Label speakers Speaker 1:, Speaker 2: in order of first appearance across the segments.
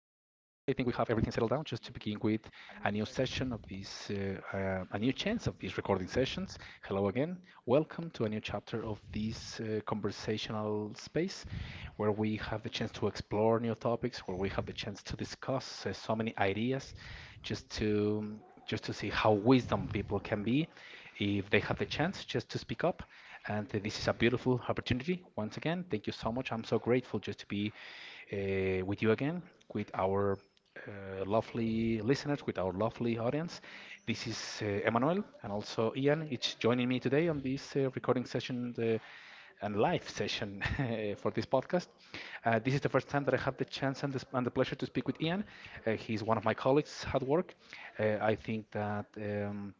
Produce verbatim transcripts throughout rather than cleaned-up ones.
Speaker 1: think we have everything settled down just to begin with a new session of this, uh, uh, a new chance of these recording sessions. Hello again. Welcome to a new chapter of this uh, conversational space where we have the chance to explore new topics, where we have the chance to discuss uh, so many ideas just to just to see how wisdom people can be if they have the chance just to speak up, and uh, this is a beautiful opportunity. Once again, thank you so much. I'm so grateful just to be uh, with you again, with our uh, lovely listeners, with our lovely audience. This is uh, Emmanuel and also Ian. It's joining me today on this uh, recording session. The, and live session for this podcast. Uh, this is the first time that I have the chance and the, and the pleasure to speak with Ian. Uh, he's one of my colleagues at work. Uh, I think that. Um,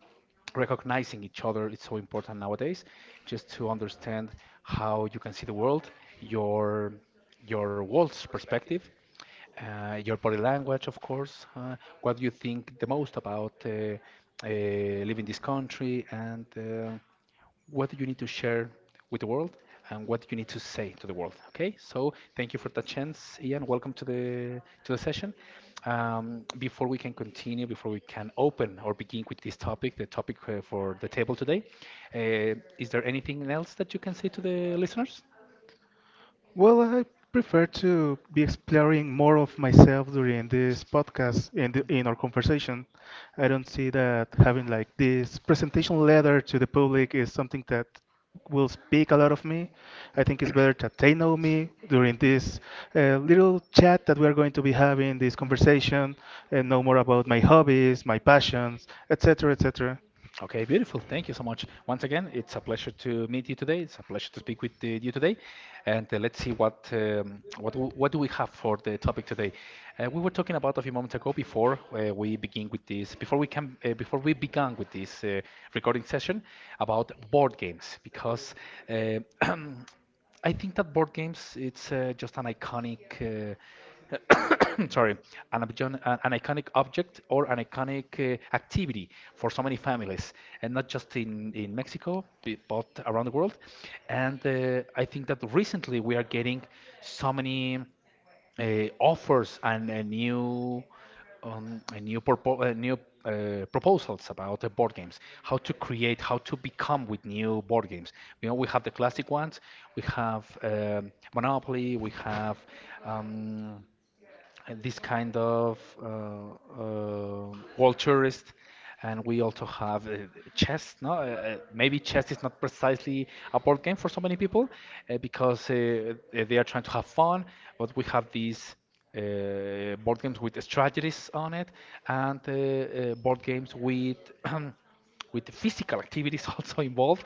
Speaker 1: Recognizing each other is so important nowadays just to understand how you can see the world, your your world's perspective, uh, your body language, of course, uh, what you think the most about uh, uh, leaving this country, and uh, what do you need to share with the world and what you need to say to the world. Okay, so thank you for that chance, Ian. Welcome to the to the session. Um, before we can continue, before we can open or begin with this topic, the topic uh, for the table today, uh, is there anything else that you can say to the listeners?
Speaker 2: Well, I prefer to be exploring more of myself during this podcast and the- in our conversation. I don't see that having like this presentation letter to the public is something that will speak a lot of me. I think it's better that they know me during this uh, little chat that we are going to be having, this conversation, and know more about my hobbies, my passions, et cetera, et cetera
Speaker 1: Okay, beautiful. Thank you so much. Once again, it's a pleasure to meet you today. It's a pleasure to speak with uh, you today, and uh, let's see what um, what do- what do we have for the topic today. Uh, we were talking about a few moments ago before uh, we begin with this, before we can, uh, before we began with this uh, recording session about board games because uh, I think that board games it's uh, just an iconic. Uh, sorry, an, an iconic object or an iconic uh, activity for so many families, and not just in, in Mexico, but around the world. And uh, I think that recently we are getting so many uh, offers and a new um, a new purpo- uh, new uh, proposals about uh, board games, how to create, how to become with new board games. You know, we have the classic ones, we have um, Monopoly, we have um, and this kind of uh, uh, world tourist. And we also have uh, chess. No, uh, uh, maybe chess is not precisely a board game for so many people uh, because uh, uh, they are trying to have fun. But we have these uh, board games with strategies on it, and uh, uh, board games with with the physical activities also involved,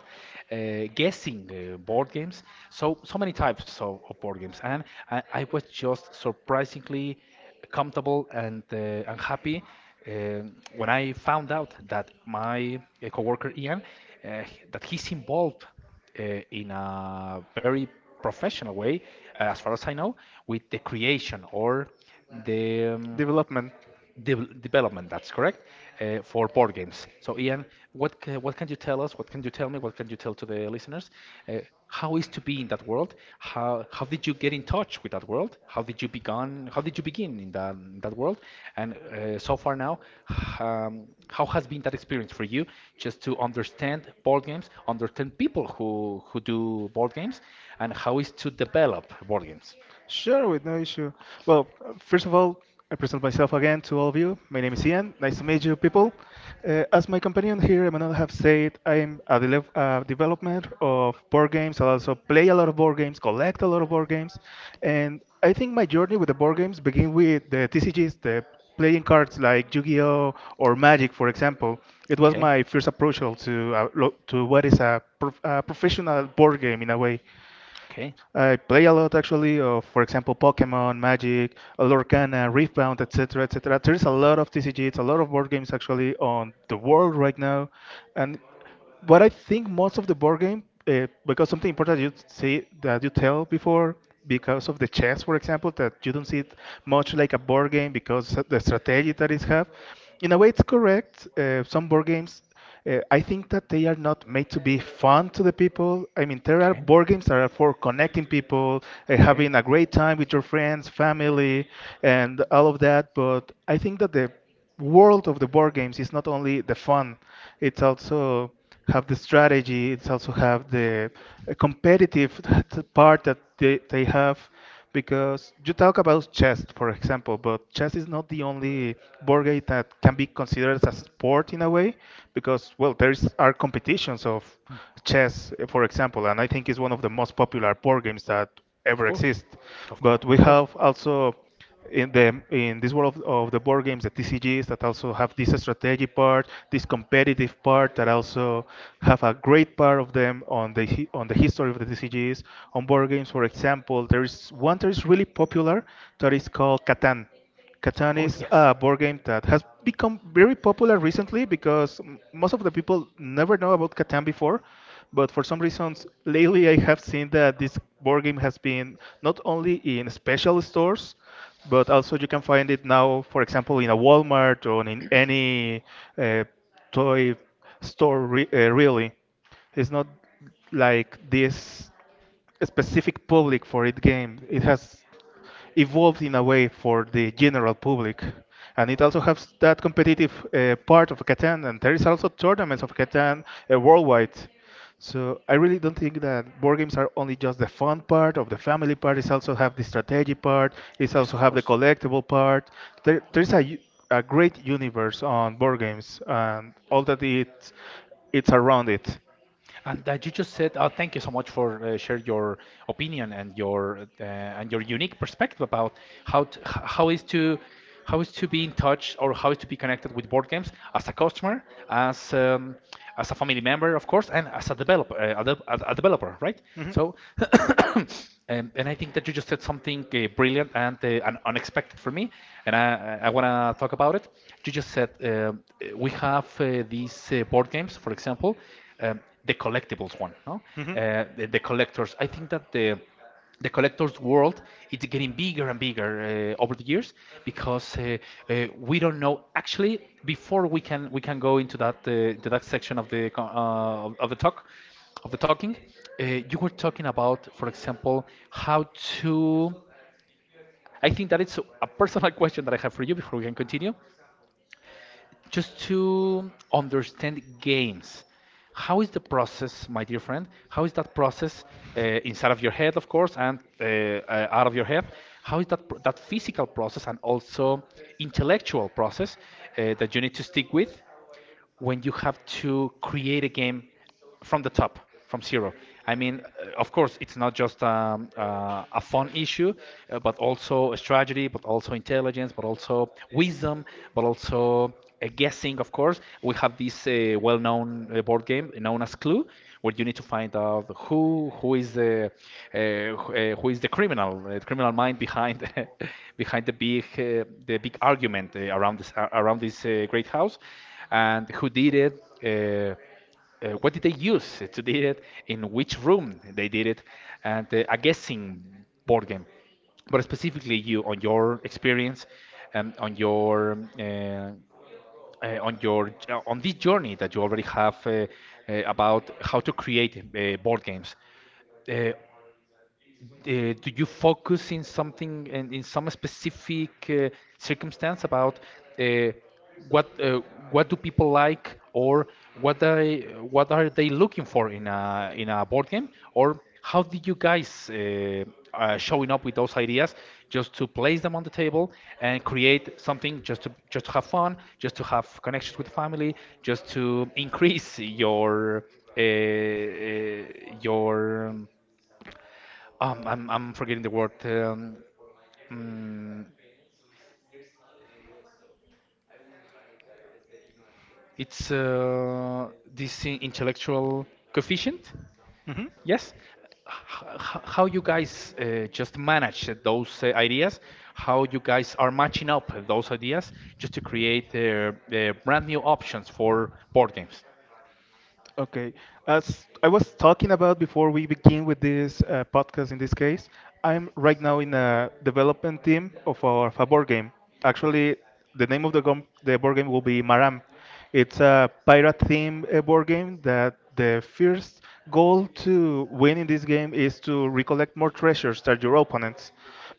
Speaker 1: uh, guessing uh, board games. So so many types of, of board games, and I, I was just surprisingly comfortable and uh, and happy um when I found out that my uh, coworker Ian uh, h- that he's involved uh, in a very professional way, uh, as far as I know, with the creation or the um,
Speaker 2: Development.
Speaker 1: Devel- development, that's correct, uh, for board games. So, Ian, what ca- what can you tell us? What can you tell me? What can you tell to the listeners? Uh, how is to be in that world? How how did you get in touch with that world? How did you begun? How did you begin in that in that world? And uh, so far now, h- um, how has been that experience for you? Just to understand board games, understand people who who do board games, and how is to develop board games?
Speaker 2: Sure, with no issue. Well, uh, first of all, I present myself again to all of you. My name is Ian. Nice to meet you, people. Uh, as my companion here, Emmanuel, have said, I'm a, dele- a development of board games. I also play a lot of board games, collect a lot of board games, and I think my journey with the board games begin with the T C Gs, the playing cards like Yu-Gi-Oh or Magic, for example. It was my first approach to uh, lo- to what is a, prof- a professional board game in a way.
Speaker 1: Okay.
Speaker 2: I play a lot actually of, for example, Pokemon, Magic, Lorcana, Riftbound, et cetera, et cetera. There's a lot of T C Gs, a lot of board games actually on the world right now, and but I think most of the board game, uh, because something important you say that you tell before, because of the chess, for example, that you don't see it much like a board game because of the strategy that is have. In a way, it's correct. Uh, some board games, uh, I think that they are not made to be fun to the people. I mean, there are board games that are for connecting people, uh, having a great time with your friends, family, and all of that. But I think that the world of the board games is not only the fun, it's also have the strategy, it's also have the uh, competitive part that they, they have because you talk about chess, for example, but chess is not the only board game that can be considered as a sport in a way because, well, there is, are competitions of chess, uh, for example, and I think it's one of the most popular board games that ever exist. But we have also in the in this world of, of the board games, the T C Gs that also have this strategy part, this competitive part that also have a great part of them on the hi- on the history of the T C Gs. On board games, for example, there is one that is really popular that is called Catan. Catan is a board game that has become very popular recently because m- most of the people never know about Catan before. But for some reasons, lately I have seen that this board game has been not only in special stores, but also you can find it now, for example, in a Walmart or in any uh, toy store, re- uh, really. It's not like this specific public for it game. It has evolved in a way for the general public. And it also has that competitive uh, part of Catan, and there is also tournaments of Catan uh, worldwide. So I really don't think that board games are only just the fun part of the family part. It's also have the strategy part. It's
Speaker 1: Yes,
Speaker 2: also
Speaker 1: of
Speaker 2: have the
Speaker 1: course.
Speaker 2: collectible part. There,
Speaker 1: Oh.
Speaker 2: there's a,
Speaker 1: Yeah.
Speaker 2: u- A great universe on board games and all that it it's around it.
Speaker 1: And that you just said, uh, thank you so much for uh, share your opinion and your uh, and your unique perspective about how to, h- how is to how is to be in touch or how is to be connected with board games as a customer, as um, as a family member, of course, and as a developer, uh, a, de- a a developer, right? So And, and I think that you just said something uh, brilliant and, uh, and unexpected for me, and I, I want to talk about it. You just said um, uh, we have uh, these uh, board games, for example, um, the collectibles one, no? Uh, the, the collectors. I think that the the collector's world it's getting bigger and bigger uh, over the years because uh, uh, we don't know actually before we can we can go into that uh, to that section of the co- uh, of of the talk of the talking. Uh, you were talking about, for example, how to. I think that it's a personal question that I have for you before we can continue, just to understand games. How is the process, my dear friend? How is that process uh, inside of your head, of course, and uh, uh, out of your head? How is that pr- that physical process and also intellectual process uh, that you need to stick with when you have to create a game from the top, from zero. I mean, uh, of course, it's not just um, uh, a fun issue, uh, but also a strategy, but also intelligence, but also wisdom, but also a guessing, of course. We have this uh, well known uh, board game known as Clue, where you need to find out who who is the uh, who uh, who is the criminal, uh, the criminal mind behind behind the big uh, the big argument uh, around this uh, around this uh, great house and who did it. Uh, uh, what did they use to do it? In which room they did it? And uh, a guessing board game. But specifically you on your experience, um, on your uh, uh, on your uh, on this journey that you already have uh, uh, about how to create uh, board games. Uh, uh, do you focus in something and in some specific uh, circumstance about uh, what uh, what do people like, or what they what are they looking for in a in a board game, or how did you guys uh, uh, showing up with those ideas just to place them on the table and create something just to just to have fun, just to have connections with the family, just to increase your uh, uh, your um, um, I'm I'm forgetting the word. Um, mm, it's uh, this i- intellectual coefficient.
Speaker 2: Hmm.
Speaker 1: Yes. H- h- how you guys uh, just manage those uh, ideas? How you guys are matching up those ideas just to create uh, uh, brand new options for board games?
Speaker 2: Okay. As I was talking about before we begin with this uh, podcast, in this case, I'm right now in a development team of our fa- board game. Actually, the name of the, gom- the board game will be Maram. It's a pirate theme uh, board game that the first goal to win in this game is to recollect more treasures than your opponents.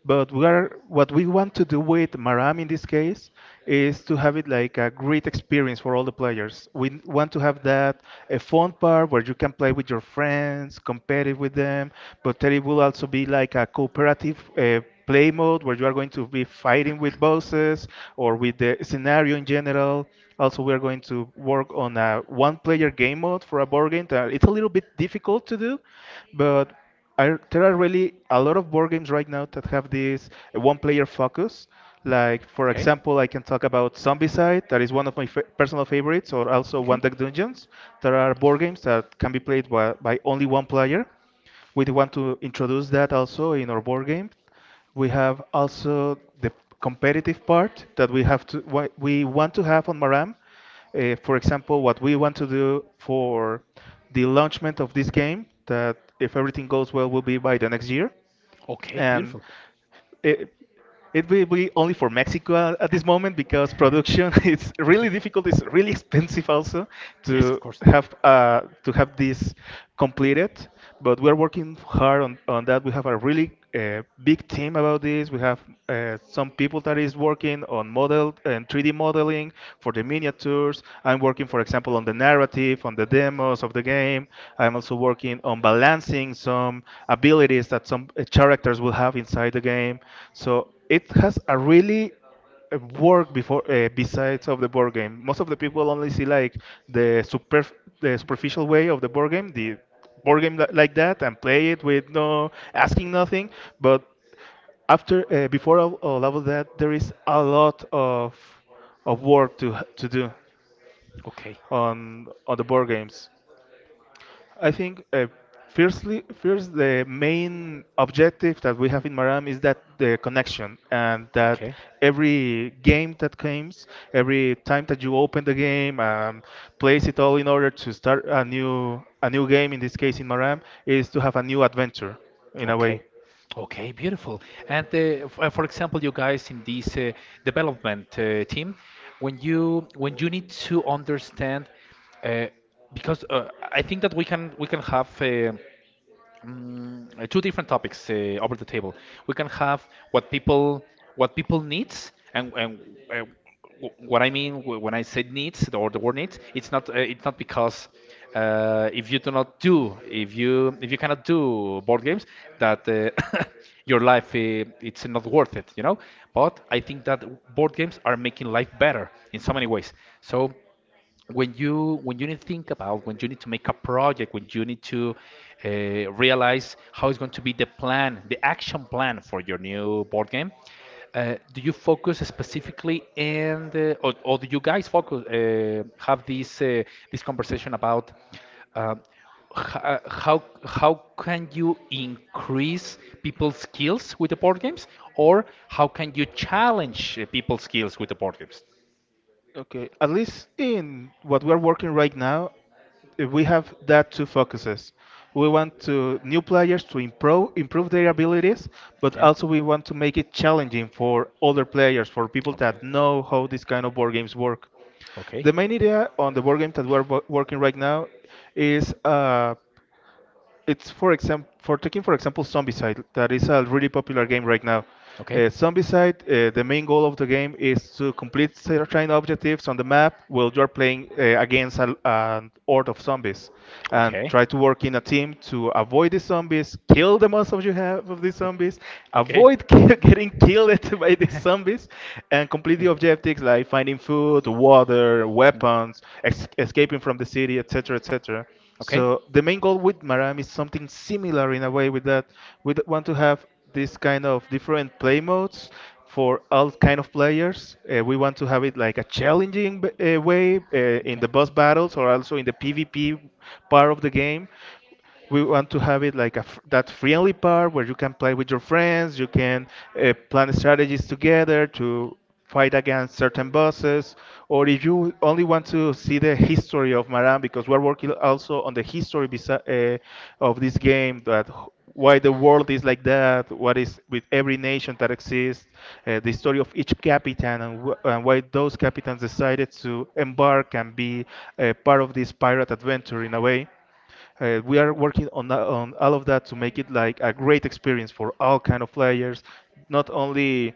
Speaker 2: But we are, what we want to do with Maram in this case is to have it like a great experience for all the players. We n- want to have that a fun part where you can play with your friends, competitive with them, but there it will also be like a cooperative uh, play mode where you are going to be fighting with bosses or with the scenario in general. Also, we are going to work on a one-player game mode for a board game that it's a little bit difficult to do, but are there are really a lot of board games right now that have this uh, one-player focus. Like for example, I can talk about Zombicide, that is one of my fa personal favorites, or also One Deck Dungeons. There are board games that can be played by, by only one player. We want to introduce that also in our board game. We have also the competitive part that we have to wha- we want to have on Maram. Uh, for example, what we want to do for the launchment of this game that if everything goes well will be by the next year
Speaker 1: Okay,
Speaker 2: and
Speaker 1: beautiful.
Speaker 2: it, it will be only for Mexico at, at this moment because production is really difficult. It's really expensive also
Speaker 1: Yes, of
Speaker 2: to
Speaker 1: course.
Speaker 2: have uh, to have this completed. But we are working hard on, on that. We have a really uh, big team about this. We have uh, some people that is working on model and three D modeling for the miniatures. I'm working, for example, on the narrative, on the demos of the game. I'm also working on balancing some abilities that some uh, characters will have inside the game. So it has a really uh, work before uh, besides of the board game. Most of the people only see like the super the superficial way of the board game, the board game li- like that, and play it with no asking nothing. But after uh, before all, all of that, there is a lot of of work to to do
Speaker 1: Okay.
Speaker 2: on on the board games. I think uh, firstly, first the main objective that we have in Maram is that the connection and that
Speaker 1: Okay.
Speaker 2: every game that comes, every time that you open the game and place it all in order to start a new a new game, in this case in Maram, is to have a new adventure in a
Speaker 1: Okay.
Speaker 2: way.
Speaker 1: Okay, beautiful. And uh, f- uh, for example, you guys in this uh, development uh, team, when you when you need to understand, uh, because uh, I think that we can we can have. Uh, mm, uh, two different topics uh, over the table. We can have what people what people needs, and and uh, wh- what I mean wh- when I say needs or the word needs, it's not uh, it's not because uh, if you do not do if you if you cannot do board games, that uh, your life uh, it's not worth it, you know. But I think that board games are making life better in so many ways. So when you when you need to think about, when you need to make a project, when you need to uh, realize how it's going to be the plan, the action plan for your new board game, uh, do you focus specifically and uh, or, or do you guys focus uh, have this uh, this conversation about um, h- uh, how how can you increase people's skills with the board games, or how can you challenge uh, people's skills with the board games?
Speaker 2: Okay, at least in what we're working right now, uh, we have that two focuses. We want to new players to improve improve their abilities, but also we want to make it challenging for other players, for people that know how these kind of board games work.
Speaker 1: Okay.
Speaker 2: The main idea on the board game that we're wo- working right now is. Uh, it's for example for taking for example Zombicide that is a really popular game right now. Uh, Zombicide, uh, the main goal of the game is to complete certain objectives on the map while you're playing uh, against a, an horde of zombies, and try to work in a team to avoid the zombies, kill the most of you have of these zombies, avoid getting killed by these zombies, and complete the objectives like finding food, water, weapons, ex- escaping from the city, et cetera, et cetera. So the main goal with Maram is something similar in a way with that. We d- want to have this kind of different play modes for all kind of players. Uh, we want to have it like a challenging b- uh, way uh, in the boss battles or also in the PvP part of the game. We want to have it like a, f- that friendly part where you can play with your friends, you can uh, plan strategies together to fight against certain bosses, or if you only want to see the history of Maran, because we're working also on the history besi- uh, of this game, that h- why the world is like that, what is with every nation that exists, uh, the story of each captain, and, w- and why those captains decided to embark and be uh, part of this pirate adventure in a way. Uh, we are working on tha- on all of that to make it like a great experience for all kind of players, not only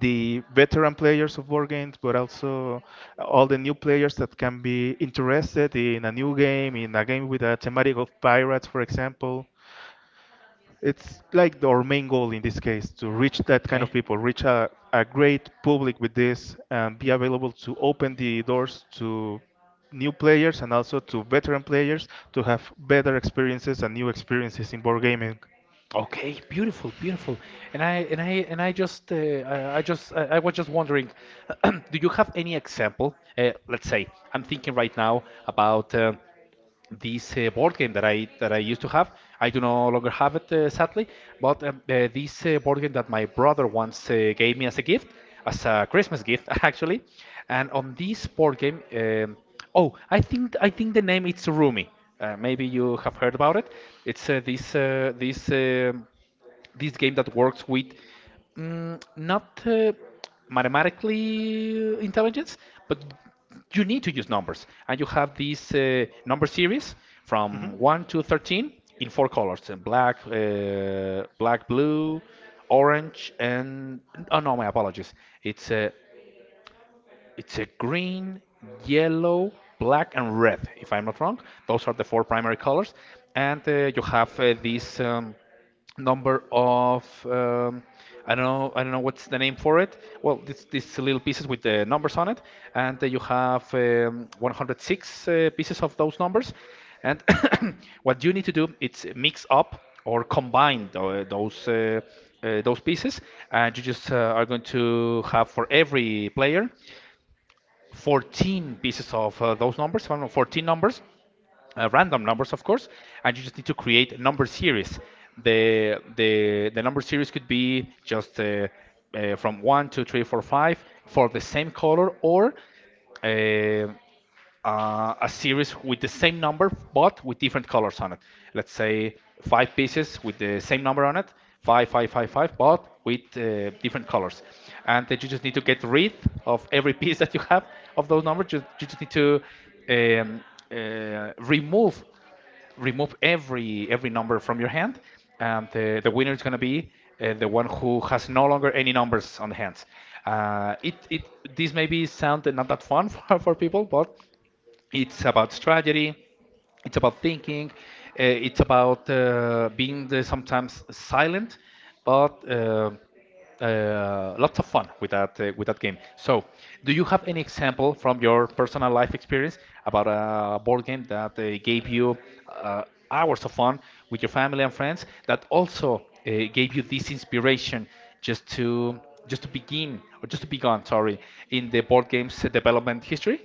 Speaker 2: the veteran players of board games, but also all the new players that can be interested in a new game, in a game with a thematic of pirates, for example it's like the- our main goal in this case to reach that kind of
Speaker 1: Okay.
Speaker 2: people, reach a, a great public with this, and be available to open the doors to new players and also to veteran players to have better experiences and new experiences in board gaming.
Speaker 1: Okay, beautiful, beautiful. And I and I and I just uh, I I just I, I was just wondering, do you have any example? Uh, let's say I'm thinking right now about uh, this uh, board game that I that I used to have. I do no longer have it, uh, sadly. But um, uh, this uh, board game that my brother once uh, gave me as a gift, as a Christmas gift, actually. And on this board game, um, oh, I think I think the name it's Rumi. Uh, maybe you have heard about it. It's uh, this uh, this. um this game that works with mm, not uh, mathematically intelligence, but you need to use numbers. And you have this uh, number series from one to thirteen in four colors: uh, black, uh, black, blue, orange, and oh no, my apologies. It's uh, it's a green, yellow, black, and red, if I'm not wrong. Those are the four primary colors. And uh, you have uh, this um, number of um, I don't know I don't know what's the name for it. Well, this these little pieces with the numbers on it, and uh, you have um, one hundred six uh, pieces of those numbers. And what you need to do is mix up or combine tho- those uh, uh, those pieces, and you just uh, are going to have for every player fourteen pieces of uh, those numbers, fourteen numbers uh, random numbers, of course, and you just need to create number series. The the the number series could be just uh, uh, from one, two, three, four, five for the same color, or uh, uh, a series with the same number but with different colors on it. Let's say five pieces with the same number on it, five, five, five, five, but with uh, different colors. And then you just need to get rid of every piece that you have of those numbers. You, you just need to um, uh, remove remove every every number from your hand, and the, the winner is going to be uh, the one who has no longer any numbers on the hands. Uh, it it this maybe sound not that fun for, for people, but it's about strategy. It's about thinking. Uh, it's about uh, being the, sometimes silent, but uh, uh, lots of fun with that uh, with that game. So, do you have any example from your personal life experience about a board game that uh, gave you uh, hours of fun with your family and friends that also uh, gave you this inspiration just to just to begin or just to begun, sorry, in the board games development history?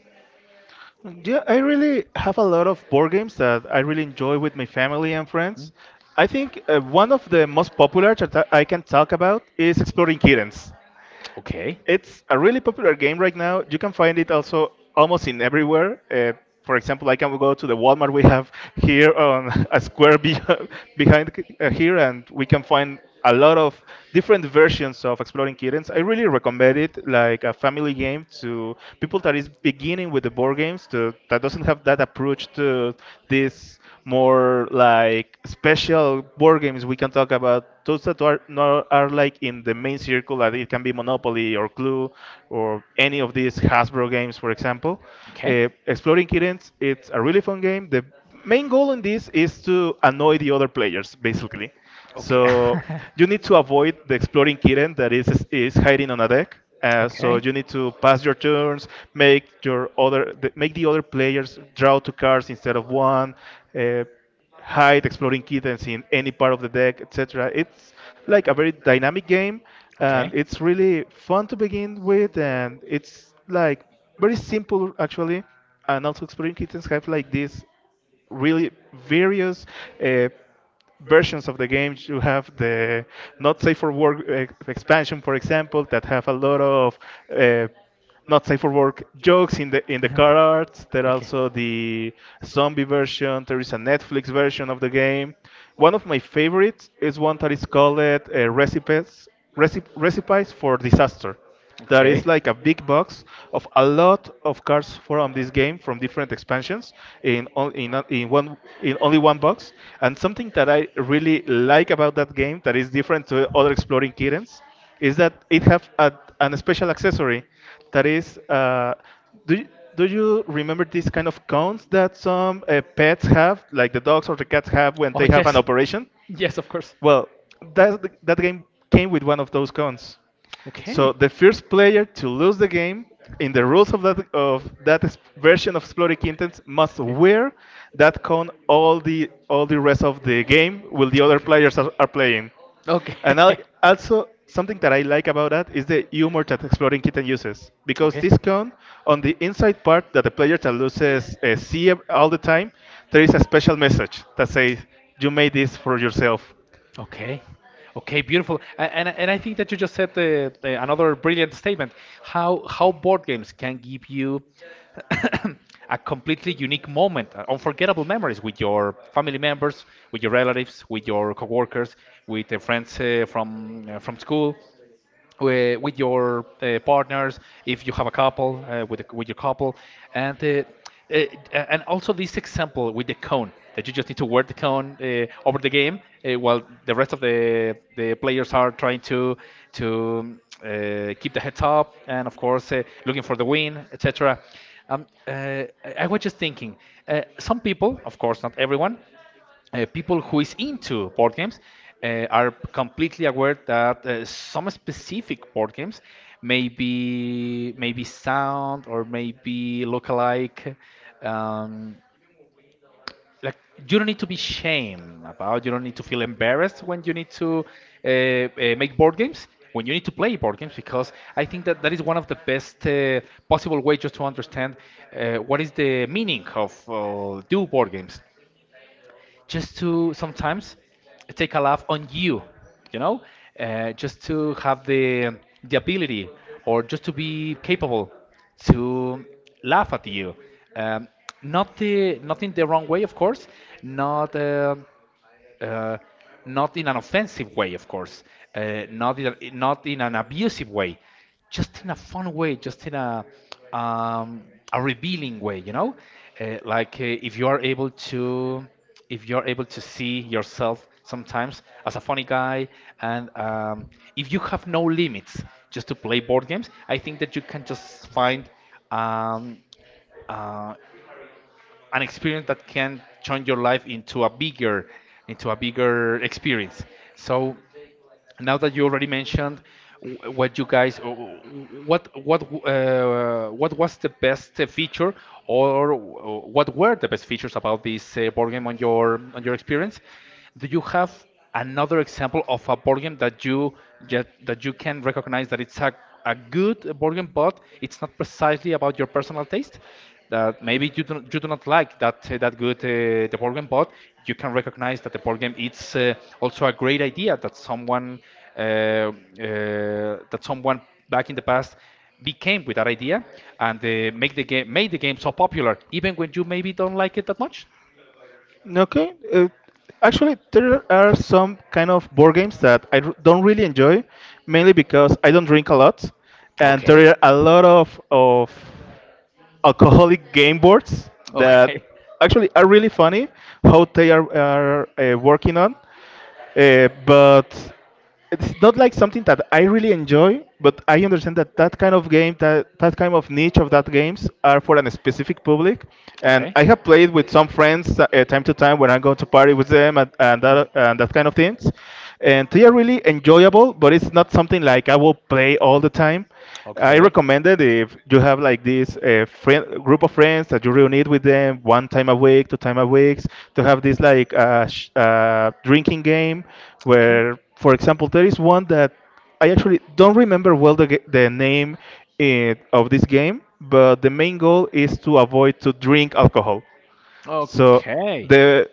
Speaker 2: Yeah, I really have a lot of board games that I really enjoy with my family and friends. I think uh, one of the most popular that I can talk about is Exploring Kittens.
Speaker 1: Uh, Okay.
Speaker 2: It's a really popular game right now. You can find it also almost in everywhere. Uh, for example, I can go to the Walmart we have here on a square be- behind, uh, here, and we can find a lot of different versions of Exploring Kittens. I really recommend it, like a family game to people that is beginning with the board games, to that doesn't have that approach to this more like special board games. We can talk about those that are not, are like in the main circle. Like it can be Monopoly or Clue, or any of these Hasbro games, for example. Uh, exploring kittens, it's a really fun game. The main goal in this is to annoy the other players, basically.
Speaker 1: Okay.
Speaker 2: So you need to avoid the exploring kitten that is is hiding on a deck. Uh, so you need to pass your turns, make your other the, make the other players draw two cards instead of one, uh, hide exploring kittens in any part of the deck, et cetera. It's like a very dynamic game, and it's really fun to begin with, and it's like very simple, actually. And also exploring kittens have like this really various. Uh, versions of the game. You have the not safe for work eh, expansion, for example, that have a lot of uh, not safe for work jokes in the in the car arts. There are also the zombie version. There is a Netflix version of the game. One of my favorites is one that is called uh, recipes recip- recipes for disaster. There is like a big box of a lot of cards from this game from different expansions in on- in, a- in one in only one box. And something that I really like about that game that is different to other exploring kittens is that it have a, an special accessory that is, uh, do you, do you remember these kind of cones that some uh, pets have, like the dogs or the cats have when they have an operation?
Speaker 1: Yes, of course.
Speaker 2: Well, that that game came with one of those cones.
Speaker 1: Okay.
Speaker 2: So the first player to lose the game, in the rules of that of that s- version of Exploding Kittens, must wear that cone all the all the rest of the game while the other players are, are playing. And al-
Speaker 1: Okay.
Speaker 2: Also, something that I like about that is the humor that Exploding Kitten uses, because this cone, on the inside part that the player that loses uh, see ev- all the time, there is a
Speaker 1: Okay.
Speaker 2: special message that says, you made this for yourself.
Speaker 1: Okay. Okay, beautiful. A- And and I think that you just said the, the another brilliant statement. How how board games can give you a completely unique moment, uh, unforgettable memories with your family members, with your relatives, with your coworkers, with the friends uh, from uh, from school uh, with your uh, partners if you have a couple uh, with a, with your couple and uh, uh, and also this example with the cone that you just need to wear the cone uh, over the game uh, while the rest of the the players are trying to to uh, keep the heads up and of course uh, looking for the win, etc. um, uh, I I was just thinking uh, some people of course not everyone uh, people who is into board games uh, are completely aware that uh, some specific board games may be maybe sound or maybe look alike. Um, like you don't need to be shame about. You don't need to feel embarrassed when you need to uh, uh, make board games. When you need to play board games, because I think that that is one of the best uh, possible way just to understand uh, what is the meaning of uh, do board games just to sometimes take a laugh on you, you know, uh, just to have the the ability or just to be capable to laugh at you. Um, Not the not in the wrong way, of course. Not. um uh, Not in an offensive way, of course, uh, not in a, not in an abusive way, just in a fun way, just in a um, a revealing way, you know, uh, like uh, if you are able to if you're able to see yourself sometimes as a funny guy and um, if you have no limits just to play board games, I think that you can just find um, uh, an experience that can turn your life into a bigger into a bigger experience. So now that you already mentioned wh- what you guys wh- what what uh, what was the best uh, feature or wh- what were the best features about this uh, board game on your on your experience, do you have another example of a board game that you that, that you can recognize that it's a, a good board game, but it's not precisely about your personal taste. That maybe you do, not, you do not like that uh, that good uh, the board game, but you can recognize that the board game it's uh, also a great idea that someone uh, uh, that someone back in the past became with that idea and uh, make the game made the game so popular even when you maybe don't like it that much.
Speaker 2: Okay. Uh, actually, there are some kind of board games that I r- don't really enjoy, mainly because I don't drink a lot, and
Speaker 1: Okay.
Speaker 2: there are a lot of of alcoholic game boards that
Speaker 1: Okay.
Speaker 2: actually are really funny how they are, are uh, working on. Uh, but it's not like something that I really enjoy, but I understand that that kind of game, that, that kind of niche of that games are for a specific public. And
Speaker 1: Okay.
Speaker 2: I have played with some friends uh, uh, time to time when I go to party with them, and, and, that, and that kind of things. And they are really enjoyable, but it's not something like I will play all the time. I
Speaker 1: Okay.
Speaker 2: recommend that if you have like this uh, friend, group of friends that you reunite with them one time a week, two time a week, to have this like uh, sh- uh, drinking game,
Speaker 1: Okay. Okay.
Speaker 2: where, for example, there is one that I actually don't remember well the, ga- the name eh, of this game, but the main goal is to avoid to drink alcohol. So
Speaker 1: Okay.
Speaker 2: the,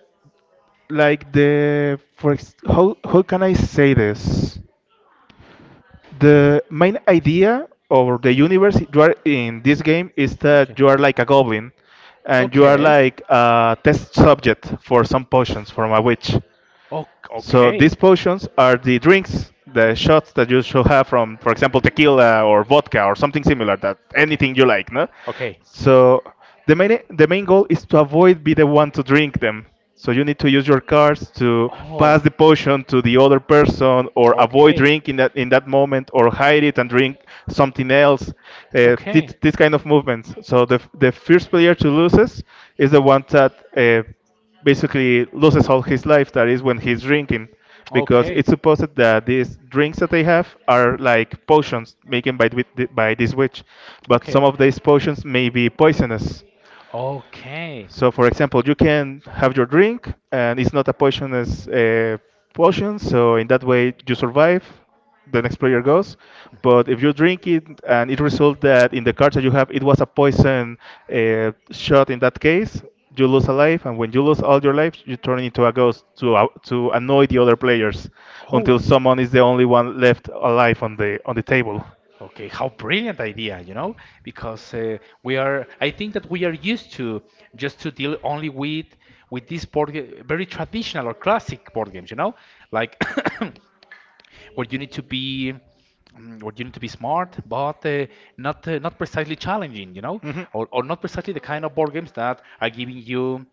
Speaker 2: like the for ex- how how can I say this? The main idea of the universe you are in this game is
Speaker 1: Okay.
Speaker 2: that you are like a goblin, and you are like a test subject for some potions from a witch.
Speaker 1: Oh,
Speaker 2: So
Speaker 1: okay.
Speaker 2: these potions are the drinks, the shots that you should have, from, for example, tequila or vodka or something similar. That, anything you like, no.
Speaker 1: Okay.
Speaker 2: So the main the main goal is to avoid be the one to drink them. So you need to use your cards to
Speaker 1: Okay.
Speaker 2: pass the
Speaker 1: Oh.
Speaker 2: potion to the other person, or avoid
Speaker 1: Okay.
Speaker 2: drinking that in that moment, or hide it and drink something else. Uh, this,
Speaker 1: Okay.
Speaker 2: this kind of movements. So the the first player to loses is the one that Uh, basically loses all his life. That is when he's drinking, because
Speaker 1: Okay.
Speaker 2: it's supposed that these drinks that they have are like potions making by th- by this witch, but some
Speaker 1: Okay.
Speaker 2: of these potions may be poisonous.
Speaker 1: Okay.
Speaker 2: So, for example, you can have your drink, and it's not a poisonous uh, potion, so in that way you survive. The next player goes, but if you drink it and it results that in the cards that you have it was a poison uh, shot, in that case, you lose a life, and when you lose all your life, you turn into a ghost to uh, to annoy the other players
Speaker 1: Hmm. Oh.
Speaker 2: until someone is the only one left alive on the on the table.
Speaker 1: Okay, how brilliant idea, you know, because uh, we are, I think that we are used to just to deal only with with these board ga- very traditional or classic board games, you know, like where you need to be mm, where you need to be smart, but uh, not uh, not precisely challenging, you know, or, or not precisely the kind of board games that are giving you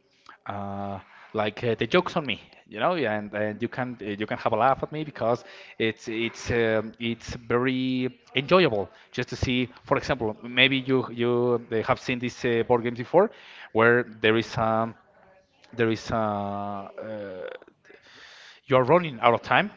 Speaker 1: uh, like uh, the jokes on me, you know, yeah, and, and you can uh, you can have a laugh at me because it's it's um, it's very enjoyable just to see. For example, maybe you you uh, have seen these uh, board games before, where there is um, there is uh, uh, you're running out of time.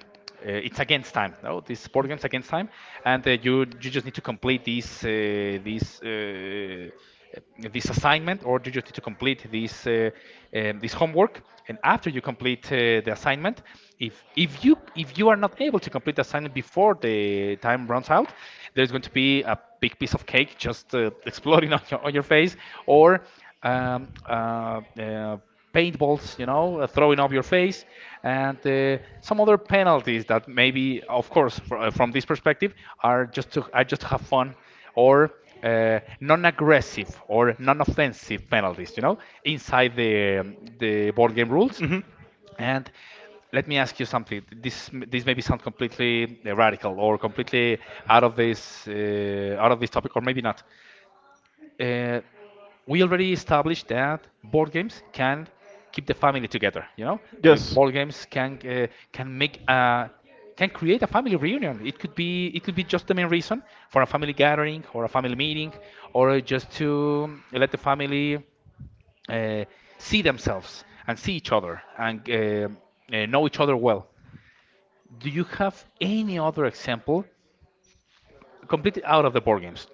Speaker 1: Uh, it's against time. No, this board game's against time, and uh, you you just need to complete this uh, this uh, uh, this assignment, or you just need to complete this uh, um, this homework. And after you complete uh, the assignment, if if you if you are not able to complete the assignment before the time runs out, there's going to be a big piece of cake just uh, exploding on your on your face, or um, uh, uh, paintballs, you know, uh, throwing up your face, and uh, some other penalties that maybe, of course, fr- uh, from this perspective, are just to are just to have fun or uh, non-aggressive or non-offensive penalties, you know, inside the um, the board game rules. And let me ask you something. This m- this maybe sound completely uh, radical or completely out of this uh, out of this topic, or maybe not. uh, we already established that board games can keep the family together. You know, Uh,
Speaker 2: Yes.
Speaker 1: board games can uh, can make a can create a family reunion. It could be it could be just the main reason for a family gathering or a family meeting, or just to uh, let the family uh, see themselves and see each other and uh, uh, know each other well. Do you have any other example completely out of the board games?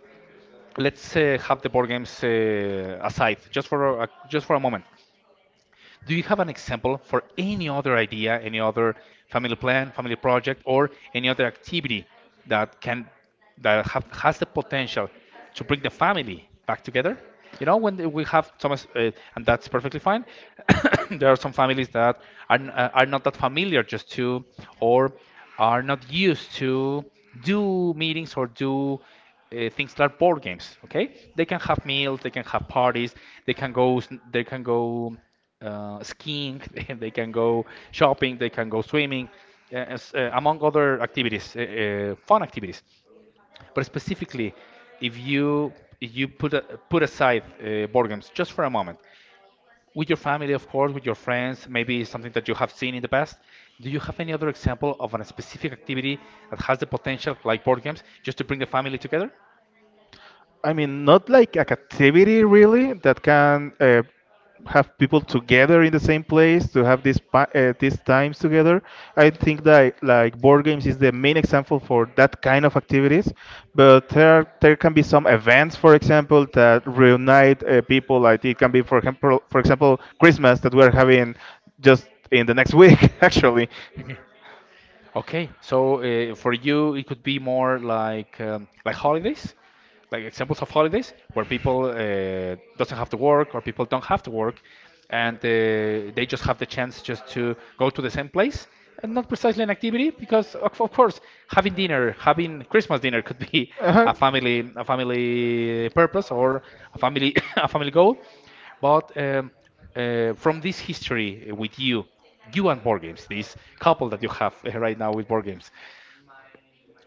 Speaker 1: Let's uh, have the board games uh, aside just for a, just for a moment. Do you have an example for any other idea, any other family plan, family project, or any other activity that can that have, has the potential to bring the family back together? You know, when we have some, uh, and that's perfectly fine. There are some families that are, n- uh, are not that familiar just to, or are not used to do meetings or do uh, things like board games. Okay, they can have meals, they can have parties, they can go, s- they can go uh, skiing, they can go shopping, they can go swimming, uh, as, uh, among other activities, uh, uh, fun activities. But specifically, if you if you put a, put aside uh, board games just for a moment, with your family, of course, with your friends, maybe something that you have seen in the past. Do you have any other example of a specific activity that has the potential, like board games, just to bring the family together?
Speaker 2: I mean, not like a captivity really that can uh, have people together in the same place to have these pa- uh, these times together. I think that like board games is the main example for that kind of activities, but there there can be some events, for example, that reunite uh, people. Like it can be, for example, for example, Christmas that we're having just in the next week, actually.
Speaker 1: Okay, so uh, for you, it could be more like um, like holidays, like examples of holidays where people uh, doesn't have to work or people don't have to work, and uh, they just have the chance just to go to the same place, and not precisely an activity because of, of course having dinner, having Christmas dinner could be a family a family purpose or a family a family goal, but um, uh, from this history with you, you and board games, this couple that you have uh, right now with board games,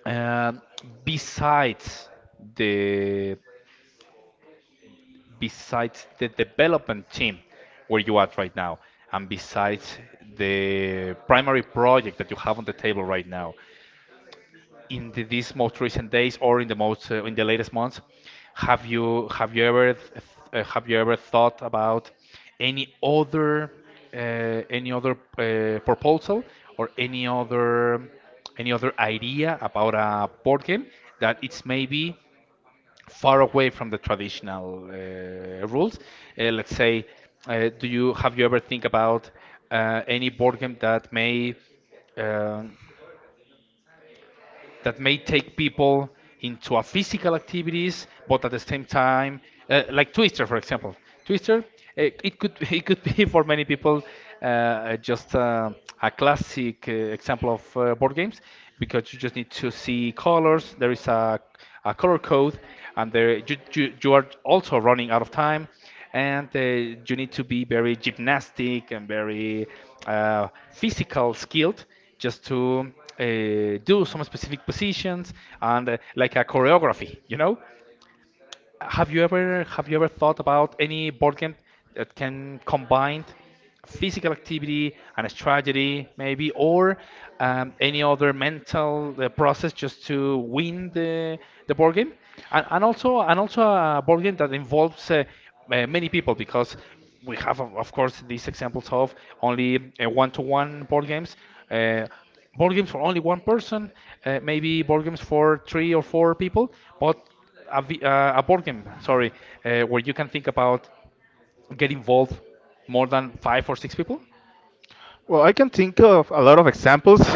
Speaker 1: um, besides the besides the development team where you at right now, and besides the primary project that you have on the table right now, in the, these most recent days or in the most uh, in the latest months have you have you ever th- uh, have you ever thought about any other uh, any other uh, proposal or any other any other idea about a board game that it's maybe far away from the traditional uh, rules uh, let's say uh, do you have you ever think about uh, any board game that may um, that may take people into a physical activities, but at the same time, uh, like Twister, for example. Twister, it, it could it could be for many people uh, just uh, a classic uh, example of uh, board games because you just need to see colors. There is a, a color code, and there you, you you are also running out of time, and uh, you need to be very gymnastic and very uh, physical skilled just to uh, do some specific positions and uh, like a choreography, you know? Have you ever have you ever thought about any board game that can combine physical activity and strategy, maybe, or um, any other mental uh, process just to win the the board game? And, and also and also a board game that involves uh, uh, many people because we have of of course these examples of only uh, one-to-one board games. Uh, board games for only one person, uh, maybe board games for three or four people, but a, vi- uh, a board game, sorry, uh, where you can think about get involved more than five or six people?
Speaker 2: Well, I can think of a lot of examples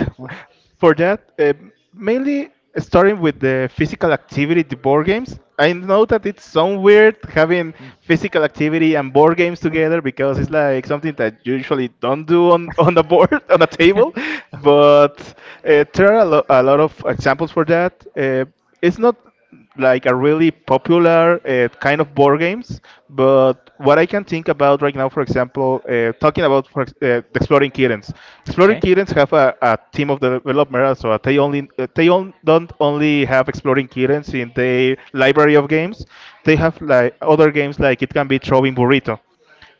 Speaker 2: for that. Uh, mainly starting with the physical activity, the board games. I know that it's so weird having physical activity and board games together, because it's like something that you usually don't do on, on a board, on a table. But uh, there are a, lo- a lot of examples for that. Uh, it's not like a really popular uh, kind of board games. But what I can think about right now, for example, uh, talking about for, ex- uh, exploring kittens. Exploring
Speaker 1: okay.
Speaker 2: kittens have a, a team of developers, so they only uh, they on, don't only have exploring kittens in their library of games. They have like other games, like it can be Throwing Burrito.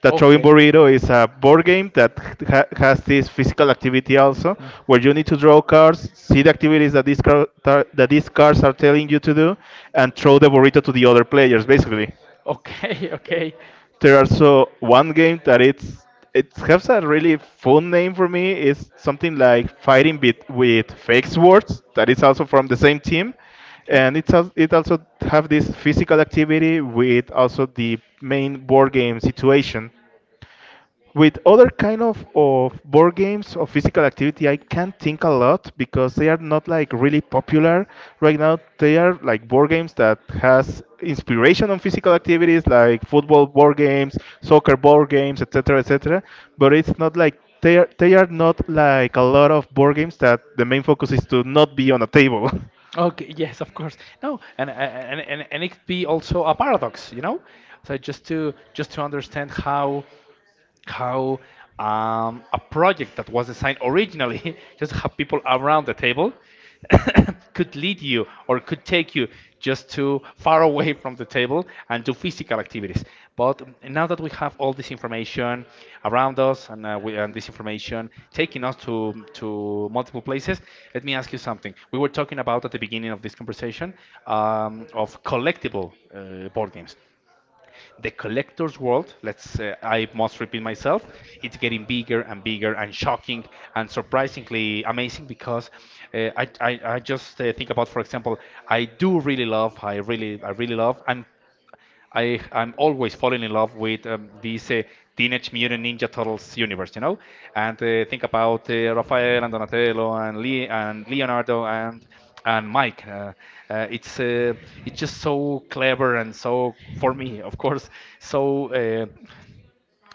Speaker 2: The Throwing
Speaker 1: Okay.
Speaker 2: Burrito is a board game that ha- has this physical activity also, where you need to draw cards, see the activities that these, car- tar- that these cards are telling you to do, and throw the burrito to the other players, basically.
Speaker 1: Okay. Okay.
Speaker 2: There also one game that it's it has a really fun name for me. It's something like fighting with, with fake swords. That is also from the same team,
Speaker 1: Okay.
Speaker 2: and it's al- it also have this physical activity with also the main board game situation. With other kind of, of board games of physical activity, I can't think a lot, because they are not like really popular right now. They are like board games that has inspiration on physical activities like football board games, soccer board games, etc., etc. But it's not like they are they are not, like, a lot of board games that the main focus is to not be on a table.
Speaker 1: Okay, yes, of course. No, and and and and it be also a paradox, you know? So just to just to understand how how um, a project that was designed originally just have people around the table could lead you or could take you just too far away from the table and do physical activities. But now that we have all this information around us and, uh, we, and this information taking us to, to multiple places, let me ask you something. We were talking about at the beginning of this conversation um, of collectible uh, board games the collector's world, let's uh, I must repeat myself, it's getting bigger and bigger and shocking and surprisingly amazing because uh, I, I I just uh, think about for example, I do really love, I really I really love. I'm I I'm always falling in love with um, this uh, Teenage Mutant Ninja Turtles universe, you know, and uh, think about uh, Raphael and Donatello and Le- and Leonardo and and Mike. Uh, uh, it's uh, it's just so clever and so for me, of course, so uh,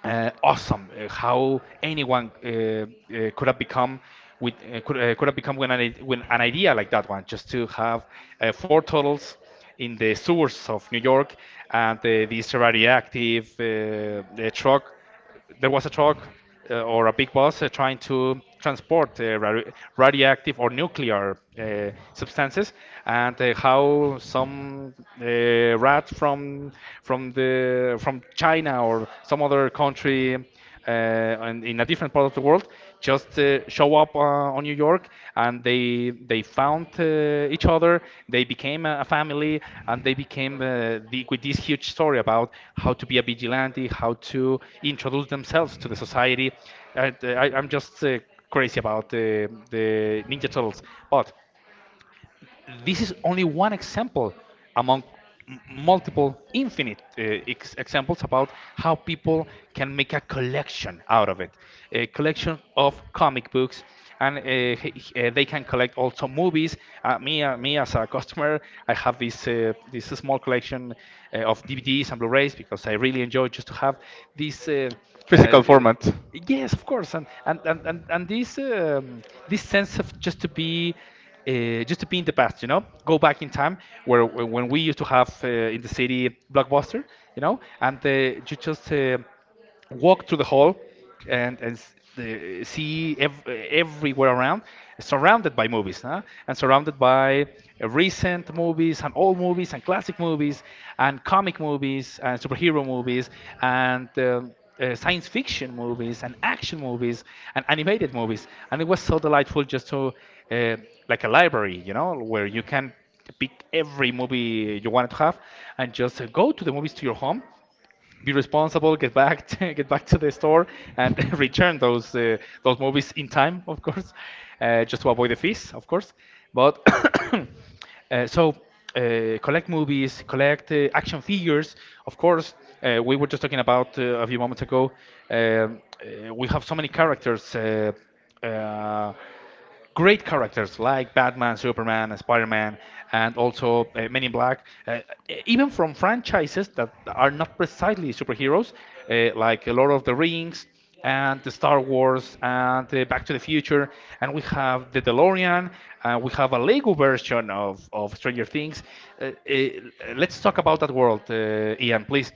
Speaker 1: uh, awesome uh, how anyone uh, uh, could have become with uh, could, uh, could have become when an, i- when an idea like that one just to have uh, four turtles in the sewers of New York and uh, this radioactive uh, uh, truck there was a truck uh, or a big bus uh, trying to transport uh, radi- radioactive or nuclear uh, substances, and uh, how some uh, rat from from the from China or some other country uh, and in in a different part of the world just uh, show up uh, on New York and they they found uh, each other they became a a family and they became uh, the, with this huge story about how to be a vigilante, how to introduce themselves to the society. I, I, I'm just uh, crazy about the the Ninja Turtles, but this is only one example among m- multiple infinite uh, ex- examples about how people can make a collection out of it, a collection of comic books, and uh, h- h- uh, they can collect also movies, uh, me, uh, me as a customer, I have this uh, this small collection uh, of DVDs and Blu-rays because I really enjoy just to have this uh, uh, uh,
Speaker 2: Format. Of.
Speaker 1: yes of course, and and and, and, and this um, this sense of just to be uh, just to be in the past, you know, go back in time where, where when we used to have uh, in the city Blockbuster, you know, and uh, you just uh, walk through the hall and and s- the, see ev- everywhere around, surrounded by movies, huh? And surrounded by uh, recent movies and old movies and classic movies and comic movies and superhero movies and um, uh, science fiction movies and action movies and animated movies, and it was so delightful just to uh, like a library, you know, where you can pick every movie you wanted to have and just uh, go to the movies to your home, be responsible, get back to, get back to the store, and return those uh, those movies in time, of course, uh, just to avoid the fees, of course. But uh, so uh, collect movies, collect uh, action figures. Of course, uh, we were just talking about uh, a few moments ago. Um, uh, we have so many characters. Uh, uh, great characters like Batman, Superman, and Spider-Man, and also uh, Men in Black, uh, even from franchises that are not precisely superheroes, uh, like Lord of the Rings and the Star Wars and uh, Back to the Future, and we have the DeLorean, uh, we have a Lego version of, of Stranger Things. Uh, uh, let's talk about that world, uh, Ian, please.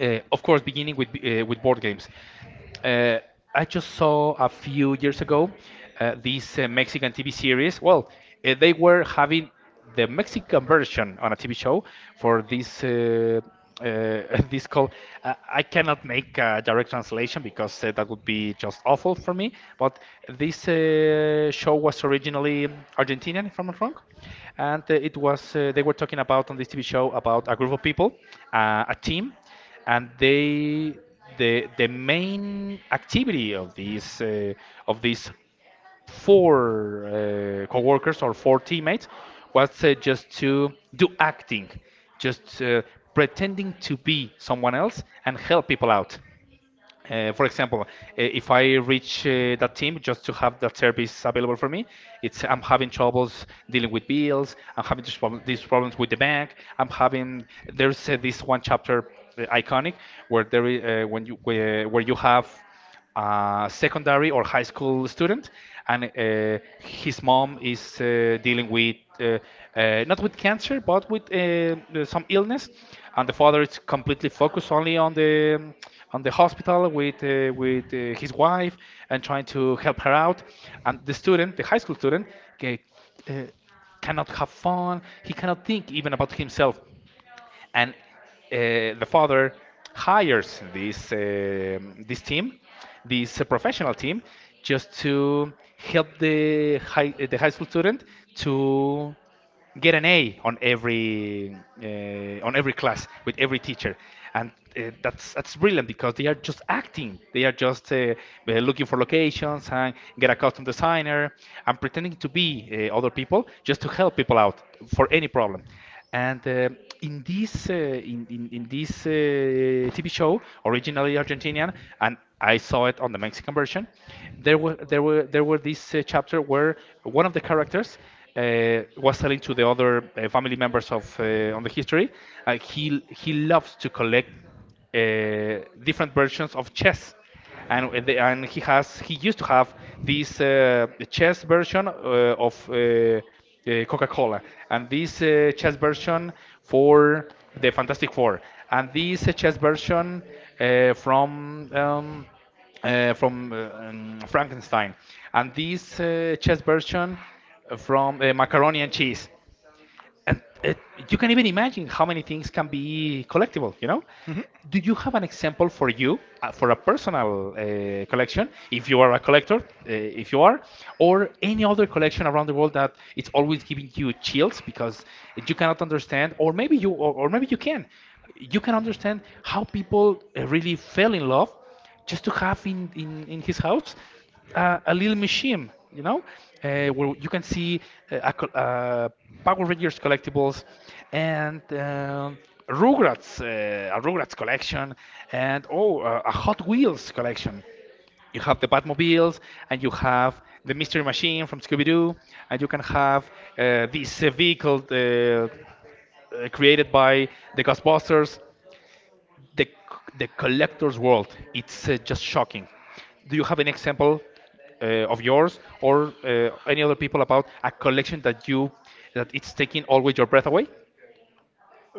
Speaker 1: Uh, of course, beginning with uh, with board games. Uh, I just saw a few years ago uh, this uh, Mexican T V series. Well, uh, they were having the Mexican version on a T V show for this. Uh, uh, this call. uh, I cannot make a direct translation because uh, that would be just awful for me. But this uh, show was originally Argentinian, if I'm not wrong, and uh, it was uh, they were talking about on this T V show about a group of people, uh, a team, and they the the main activity of these uh, of these four uh, co-workers or four teammates was uh, just to do acting, just uh, pretending to be someone else and help people out. Uh, for example, uh, if I reach uh, that team just to have that service available for me, it's I'm having troubles dealing with bills. I'm having this problem, these problems with the bank. I'm having there's uh, this one chapter uh, iconic where there is, uh, when you where, where you have a secondary or high school student, and uh, his mom is uh, dealing with uh, uh, not with cancer but with uh, some illness, and the father is completely focused only on the on the hospital with uh, with uh, his wife and trying to help her out, and the student, the high school student, ca- uh, cannot have fun. He cannot think even about himself, and uh, the father hires this um this team, this uh, professional team, just to help the high the high school student to get an A on every uh, on every class with every teacher, and uh, that's that's brilliant because they are just acting. They are just uh, uh, looking for locations and get a custom designer and pretending to be uh, other people just to help people out for any problem. And uh, in this uh, in, in, in this uh, T V show, originally Argentinian, and I saw it on the Mexican version, there were there were there were this uh, chapter where one of the characters uh, was telling to the other uh, family members of uh, on the history, uh, he he loves to collect uh, different versions of chess, and uh, the- and he has he used to have this uh, chess version uh, of uh, uh, Coca-Cola and this uh, chess version for the Fantastic Four and this uh, chess version uh, from um, uh, from uh, um, Frankenstein and this uh, chess version from uh, macaroni and cheese, and it, you can even imagine how many things can be collectible, you know? Do you have an example for you, uh, for a personal uh, collection if you are a collector, uh, if you are, or any other collection around the world that it's always giving you chills because you cannot understand, or maybe you or, or maybe you can, you can understand how people uh, really fell in love just to have in, in, in his house uh, a little museum, you know, uh, where you can see uh, a, col- uh, Power Rangers collectibles and um Rugrats, uh, a Rugrats collection, and oh, uh, a Hot Wheels collection. You have the Batmobiles, and you have the Mystery Machine from Scooby Doo, and you can have uh, this uh, vehicle uh, uh, created by the Ghostbusters. the the collector's world. It's uh, just shocking. Do you have an example uh, of yours or uh, any other people about a collection that you that it's taking always your breath away?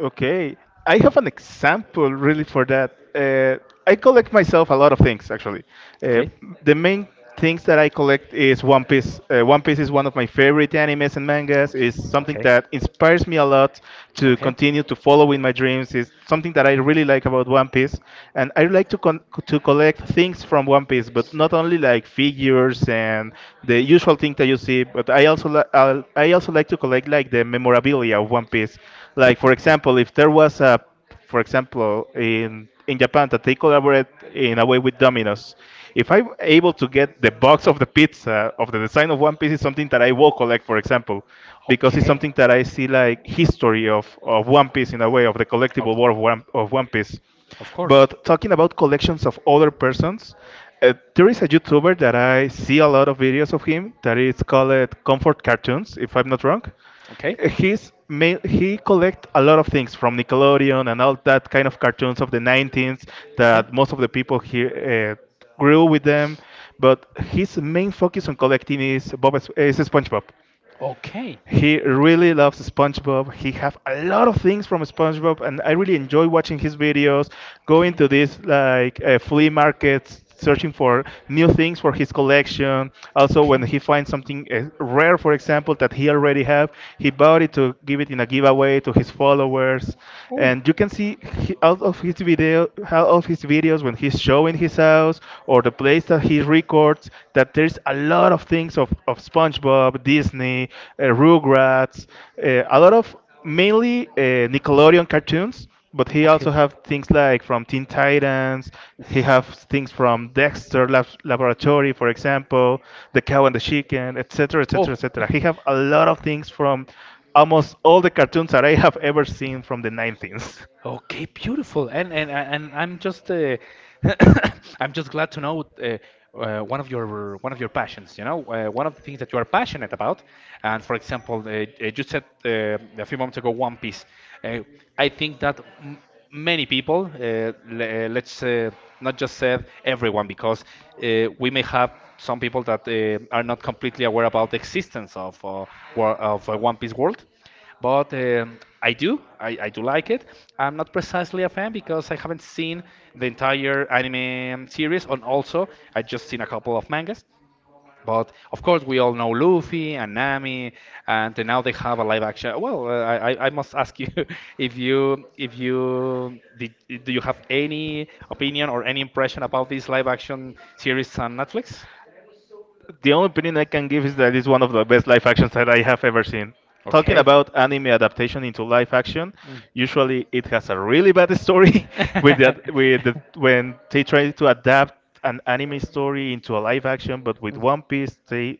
Speaker 2: Okay, I have an example really for that. Uh, I collect myself a lot of things, actually. Uh,
Speaker 1: Okay.
Speaker 2: the main things that I collect is One Piece. Uh, One Piece is one of my favorite animes and mangas. It's something
Speaker 1: Okay.
Speaker 2: that inspires me a lot to
Speaker 1: Okay.
Speaker 2: continue to follow in my dreams. It's something that I really like about One Piece, and I like to con- to collect things from One Piece, but not only like figures and the usual thing that you see, but I also li- I'll- I also like to collect like the memorabilia of One Piece one piece. Like, for
Speaker 1: Okay.
Speaker 2: example, if there was a, for example, in in
Speaker 1: Okay.
Speaker 2: Japan that they collaborate in a way with Domino's. If I'm able to get the box of the pizza of the design of One Piece, is something that I will collect, for example, because it's something that I see like history of, of One Piece in a way of the collectible world of One, of One Piece. But talking about collections of other persons, uh, there is a YouTuber that I see a lot of videos of him that is called Comfort Cartoons, if I'm not wrong.
Speaker 1: Okay.
Speaker 2: He's ma- he collect a lot of things from Nickelodeon and all that kind of cartoons of the nineties that most of the people here uh, grew with them. But his main focus on collecting is Bob is is SpongeBob. He really loves SpongeBob. He have a lot of things from SpongeBob, and I really enjoy watching his videos, going to these like uh, flea markets, searching for new things for his collection. Also, when
Speaker 1: Okay.
Speaker 2: he finds something uh, rare, for example, that he already have, he bought it to give it in a giveaway to his followers.
Speaker 1: Oh.
Speaker 2: And you can see he, out of his video, out of his videos when he's showing his house or the place place that he records that there's a lot of things of, of SpongeBob, Disney, uh, Rugrats, uh, a lot of mainly uh, Nickelodeon cartoons. But he
Speaker 1: Okay.
Speaker 2: also have things like from Teen Titans. He have
Speaker 1: Oof.
Speaker 2: things from Dexter Lab- Laboratory, for example, The Cow and the Chicken, et cetera, et cetera,
Speaker 1: Oh.
Speaker 2: et cetera. He have a lot of things from almost all the cartoons that I have ever seen from the nineties.
Speaker 1: Okay, beautiful. And and and I'm just uh, I'm just glad to know uh, uh, one of your one of your passions, you know, uh, one of the things that you are passionate about. And for example, uh, uh, you said uh, a few moments ago One Piece. Uh, I think that m many people, uh, le uh, let's uh, not just say everyone, because uh, we may have some people that uh, are not completely aware about the existence of uh, wor- of uh, One Piece world. But um, I do, I, I do like it. I'm not precisely a fan because I haven't seen the entire anime series, and also I just seen a couple of mangas. But of course, we all know Luffy and Nami, and now they have a live action. Well, uh, I, I I must ask you if you if you did, do you have any opinion or any impression about this live action series on Netflix?
Speaker 2: The only opinion I can give is that it's one of the best live actions that I have ever seen. Talking
Speaker 1: Okay.
Speaker 2: about anime adaptation into live action,
Speaker 1: Mm.
Speaker 2: usually it has a really bad story with that with the, when they try to adapt an anime story into a live action, but with One Piece they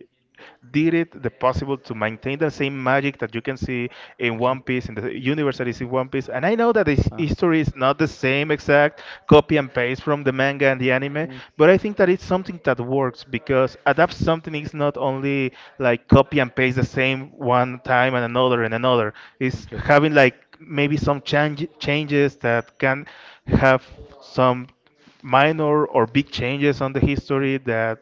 Speaker 2: did it the possible to maintain the same magic that you can see in One Piece, in the universe that is in One Piece. And I know that the his- history is not the same exact copy and paste from the manga and the anime, but I think that it's something that works because adapt something is not only like copy and paste the same one time and another and another. It's having like maybe some change, changes that can have some minor or big changes on the history
Speaker 1: are
Speaker 2: that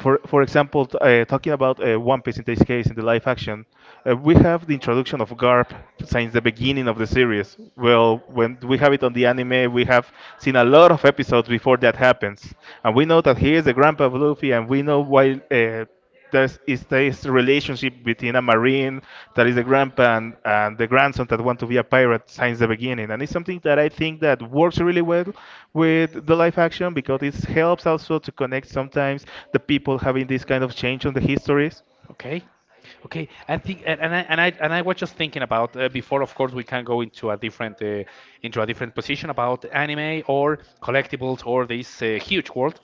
Speaker 2: for for example t- uh, talking about uh, one piece in this case in the live action, uh, we have the introduction of garp since the beginning of the series. Well, when we have it on the anime we have seen a lot of episodes before that happens, and we know that he is the grandpa of luffy, and we know why uh, there's is this relationship between a marine that is the grandpa and, and the grandson that want to be a pirate since the beginning, and it's something that I think that works really well with the
Speaker 1: we
Speaker 2: live action because it helps also to connect sometimes the people having this kind of change on the histories.
Speaker 1: Okay. Okay. I think, and, and I and I and I was just thinking about uh, before. Of course, we can go into a different uh, into a different position about anime or collectibles or this uh, huge world.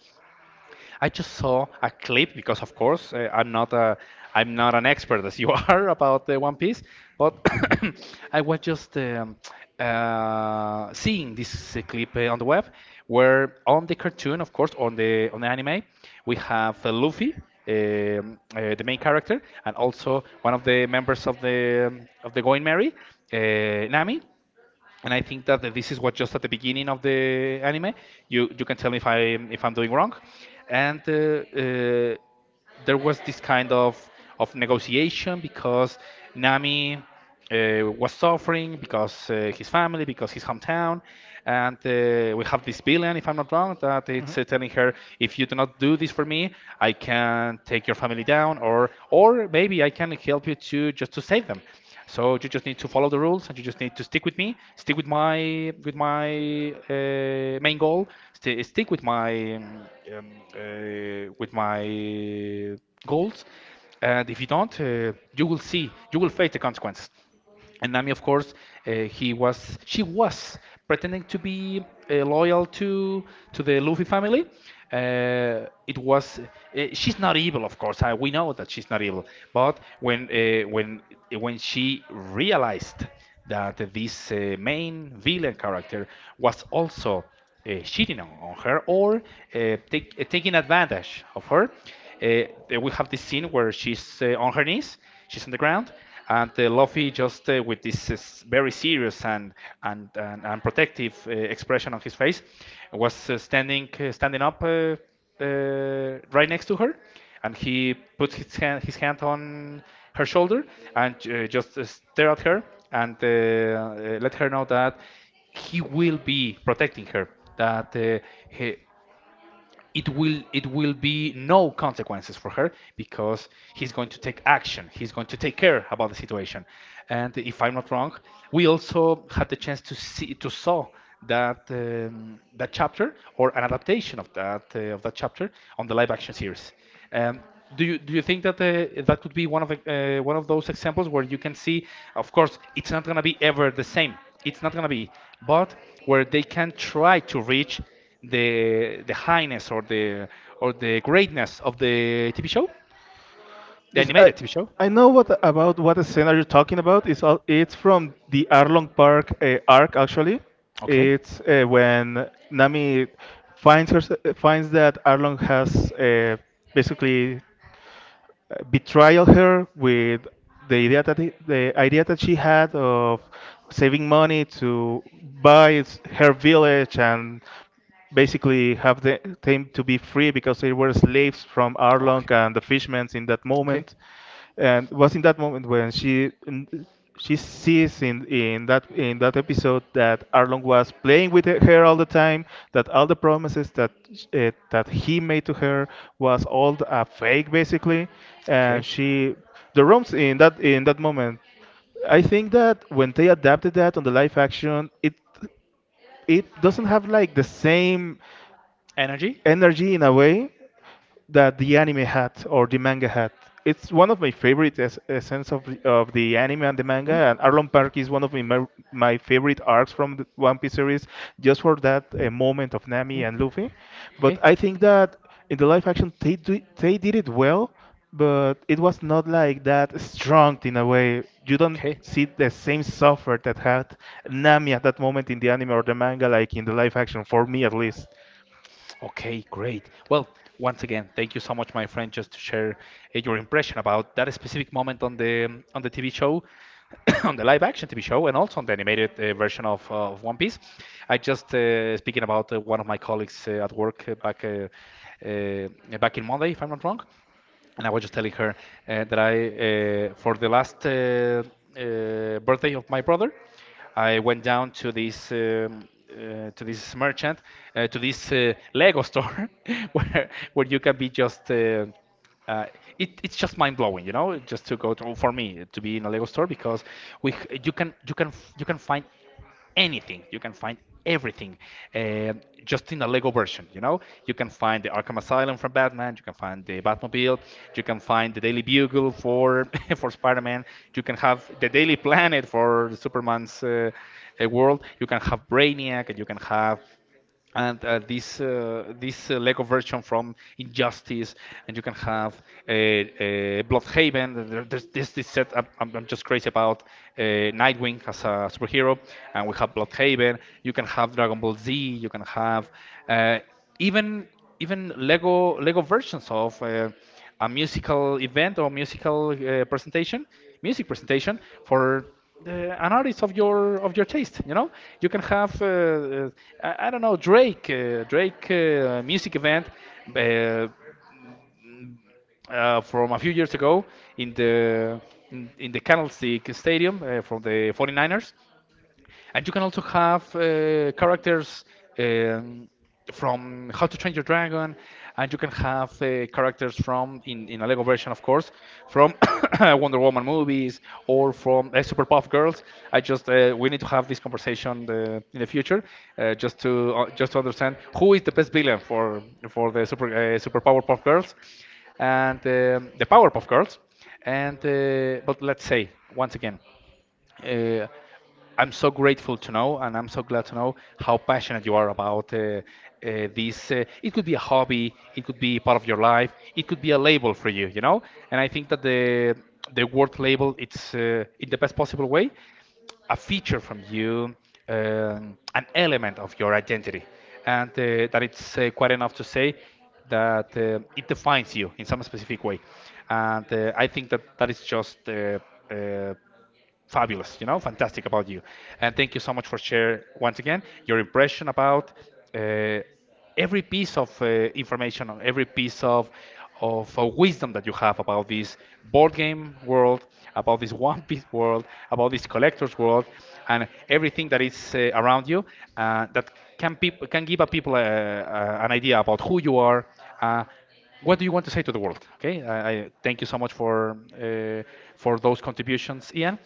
Speaker 1: I just saw a clip because, of course, uh, I'm not a I'm not an expert as you are about the One Piece, but I was just um, uh, seeing this uh, clip uh, on the web, where on the cartoon, of course, on the on the anime, we have uh, Luffy, um, uh, the main character, and also one of the members of the um, of the Going Merry, uh, Nami, and I think that this is what just at the beginning of the anime. You you can tell me if I if I'm doing wrong, and uh, uh, there was this kind of of negotiation because Nami uh, was suffering because uh, his family, because his hometown, and uh, we have this villain, if I'm not wrong, that it's uh, telling her, if you do not do this for me, I can take your family down or or maybe I can help you to just to save them. So you just need to follow the rules and you just need to stick with me, stick with my with my uh, main goal, st stick with my um, um, uh, with my goals. And if you don't, uh, you will see, you will face the consequences. And Nami, of course, uh, he was she was pretending to be uh, loyal to to the Luffy family. Uh, it was uh, she's not evil, of course. I, we know that she's not evil, but when uh, when when she realized that this uh, main villain character was also uh, cheating on, on her or uh, take, uh, taking advantage of her. Uh, we have this scene where she's uh, on her knees, she's on the ground, and uh, Luffy, just uh, with this uh, very serious and and, and, and protective uh, expression on his face, was uh, standing uh, standing up uh, uh, right next to her, and he puts his hand, his hand on her shoulder, and uh, just uh, stare at her, and uh, uh, let her know that he will be protecting her, that uh, he, it will it will be no consequences for her because he's going to take action, he's going to take care about the situation. And if I'm not wrong, we also had the chance to see to saw that um, that chapter or an adaptation of that uh, of that chapter on the live action series. um, do you do you think that uh, that could be one of the, uh, one of those examples where you can see, of course, it's not going to be ever the same, it's not gonna be, but where they can try to reach the the highness or the or the greatness of the T V show, the
Speaker 2: It's, I,
Speaker 1: animated T V show.
Speaker 2: I know what about what scene are you talking about. It's all, it's from the Arlong Park uh, arc actually.
Speaker 1: Okay.
Speaker 2: It's uh, when Nami finds her finds that Arlong has uh, basically uh, betrayal her with the idea that he, the idea that she had of saving money to buy s- her village and basically have the, them to be free because they were slaves from Arlong and the fishmen in that
Speaker 1: Okay.
Speaker 2: moment, and it was in that moment when she she sees in,
Speaker 1: Okay.
Speaker 2: in that in that episode that Arlong was playing with her all the time, that all the promises that uh, that he made to her was all a fake basically, and she the rooms in that in that moment. I think that when they adapted that on the live action, it it doesn't have like the same
Speaker 1: Energy?
Speaker 2: energy in a way that the anime had or the manga had. It's one of my favorite es- essence of the, of the anime and the manga, and Arlong Park is one of my, mer- my favorite arcs from the One Piece series, just for that uh, moment of Nami and Luffy. But
Speaker 1: Okay.
Speaker 2: I think that in the live action, they, do, they did it well, but it was not like that strong in a way. You don't see the same suffer that had Nami at that moment in the anime or the manga, like in the live action, for me at least.
Speaker 1: Okay, great. Well, once again, thank you so much, my friend, just to share uh, your impression about that specific moment on the um, on the T V show, on the live action T V show, and also on the animated uh, version of, uh, of One Piece. I just uh, speaking about uh, one of my colleagues uh, at work uh, back uh, uh, back in Monday, if I'm not wrong, and I was just telling her uh, that I, uh, for the last uh, uh, birthday of my brother, I went down to this um, uh, to this merchant, uh, to this uh, Lego store, where where you can be just. Uh, uh, it, it's just mind blowing, you know, just to go to, for me to be in a Lego store because we h- you can you can f- you can find anything. You can find everything uh, just in a Lego version. You know, you can find the Arkham Asylum from Batman. You can find the Batmobile. You can find the Daily Bugle for for Spider-Man. You can have the Daily Planet for Superman's uh, uh, world. You can have Brainiac, and you can have and uh, this uh, this uh, Lego version from Injustice, and you can have a, a Bloodhaven. There, there's this this set. I'm, I'm I'm just crazy about uh, Nightwing as a superhero, and we have Bloodhaven. You can have Dragon Ball Z. You can have uh, even even Lego Lego versions of uh, a musical event or musical uh, presentation, music presentation for the, an artist of your of your taste. You know, you can have uh, uh, I, I don't know, Drake uh, Drake uh, music event uh, uh, from a few years ago in the in, in the Candlestick Stadium uh, from the 49ers, and you can also have uh, characters um, from How to Train Your Dragon, and you can have uh, characters from, in, in a Lego version, of course, from Wonder Woman movies or from uh, Superpuff Girls. I just uh, we need to have this conversation uh, in the future, uh, just to uh, just to understand who is the best villain for for the super uh, Super Powerpuff Girls and um, the Powerpuff Girls. And uh, but let's say once again. Uh, I'm so grateful to know, and I'm so glad to know how passionate you are about uh, uh, this. Uh, it could be a hobby, it could be part of your life, it could be a label for you, you know. And I think that the the word label, it's uh, in the best possible way, a feature from you, um, an element of your identity, and uh, that it's uh, quite enough to say that uh, it defines you in some specific way. And uh, I think that that is just uh, uh, fabulous, you know, fantastic about you. And thank you so much for share once again your impression about uh, every piece of uh, information on every piece of of uh, wisdom that you have about this board game world, about this One Piece world, about this collector's world, and everything that is uh, around you uh, that can people can give a people uh, uh, an idea about who you are. Uh, what do you want to say to the world? Okay, I, I thank you so much for uh, for those contributions, Ian.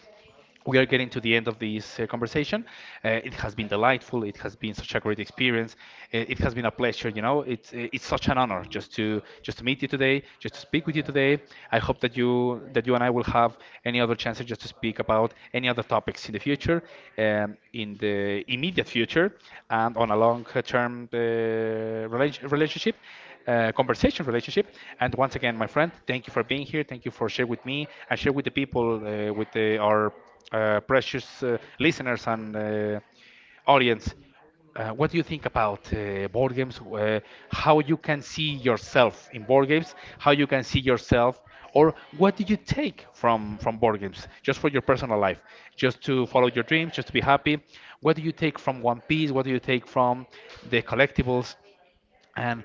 Speaker 1: We are getting to the end of this uh, conversation. Uh, it has been delightful. It has been such a great experience. Uh, It has been a pleasure. You know, it's uh, it's such an honor just to just to meet you today, just to speak with you today. I hope that you that you and I will have any other chances just to speak about any other topics in the future, um, in the immediate future, and on a long-term uh, rela- relationship uh, conversation relationship. And once again, my friend, thank you for being here. Thank you for sharing with me and share with the people, uh, with the, our uh, precious uh, listeners and uh, audience. Uh, what do you think about uh, board games? Uh, how you can see yourself in board games? How you can see yourself, or what do you take from from board games? Just for your personal life, just to follow your dreams, just to be happy. What do you take from One Piece? What do you take from the collectibles? And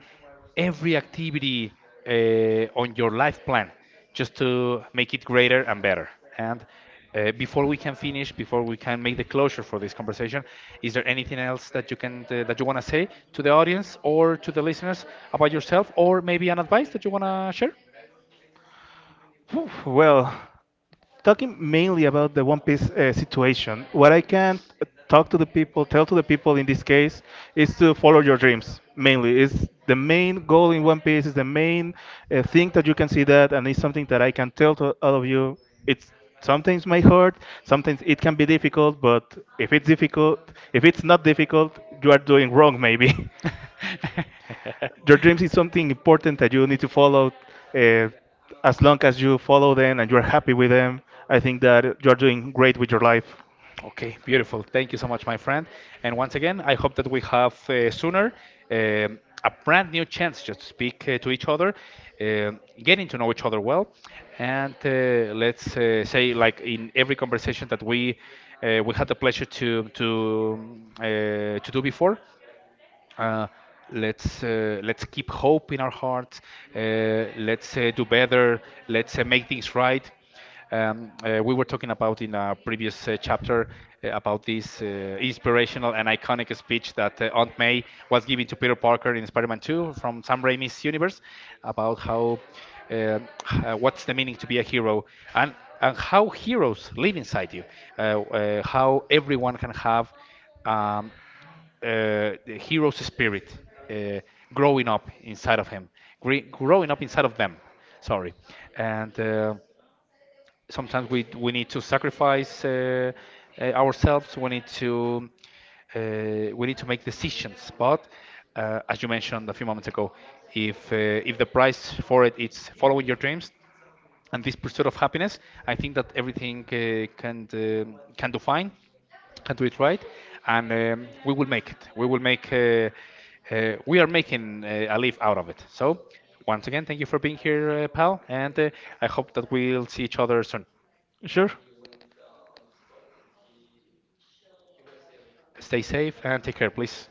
Speaker 1: every activity uh, on your life plan just to make it greater and better. And uh, before we can finish, before we can make the closure for this conversation, is there anything else that you can uh, that you want to say to the audience or to the listeners about yourself, or maybe an advice that you want to share?
Speaker 2: Phew, well, talking mainly about the One Piece uh, situation, what I can talk to the people, tell to the people in this case, is to follow your dreams. Mainly, is the main goal in One Piece, is the main uh, thing that you can see that, and it's something that I can tell to all of you. It's sometimes may hurt, sometimes it can be difficult, but if it's difficult, if it's not difficult, you are doing wrong maybe. Your dreams is something important that you need to follow. Uh, as long as you follow them and you're happy with them, I think that you're doing great with your life.
Speaker 1: Okay, beautiful. Thank you so much, my friend. And once again, I hope that we have uh, sooner um, a brand new chance just to speak uh, to each other, um getting to know each other well, and uh, let's uh, say like in every conversation that we uh, we had the pleasure to to um, uh, to do before. uh, let's uh, let's keep hope in our hearts. Uh, let's uh, do better. Let's uh, make things right. Um, uh, we were talking about in a previous uh, chapter uh, about this uh, inspirational and iconic speech that uh, Aunt May was giving to Peter Parker in Spider-Man two from Sam Raimi's universe about how uh, uh, what's the meaning to be a hero, and and how heroes live inside you, uh, uh, how everyone can have um, uh, the hero's spirit uh, growing up inside of him, gre- growing up inside of them. Sorry, and uh, sometimes we we need to sacrifice uh, uh, ourselves. We need to uh, we need to make decisions. But uh, as you mentioned a few moments ago, if uh, if the price for it is following your dreams, and this pursuit of happiness, I think that everything uh, can um can do fine, can do it right, and um, we will make it. We will make. Uh, uh, we are making uh, a leaf out of it. So, once again, thank you for being here, uh, pal, and uh, I hope that we'll see each other soon.
Speaker 2: Sure.
Speaker 1: Stay safe and take care, please.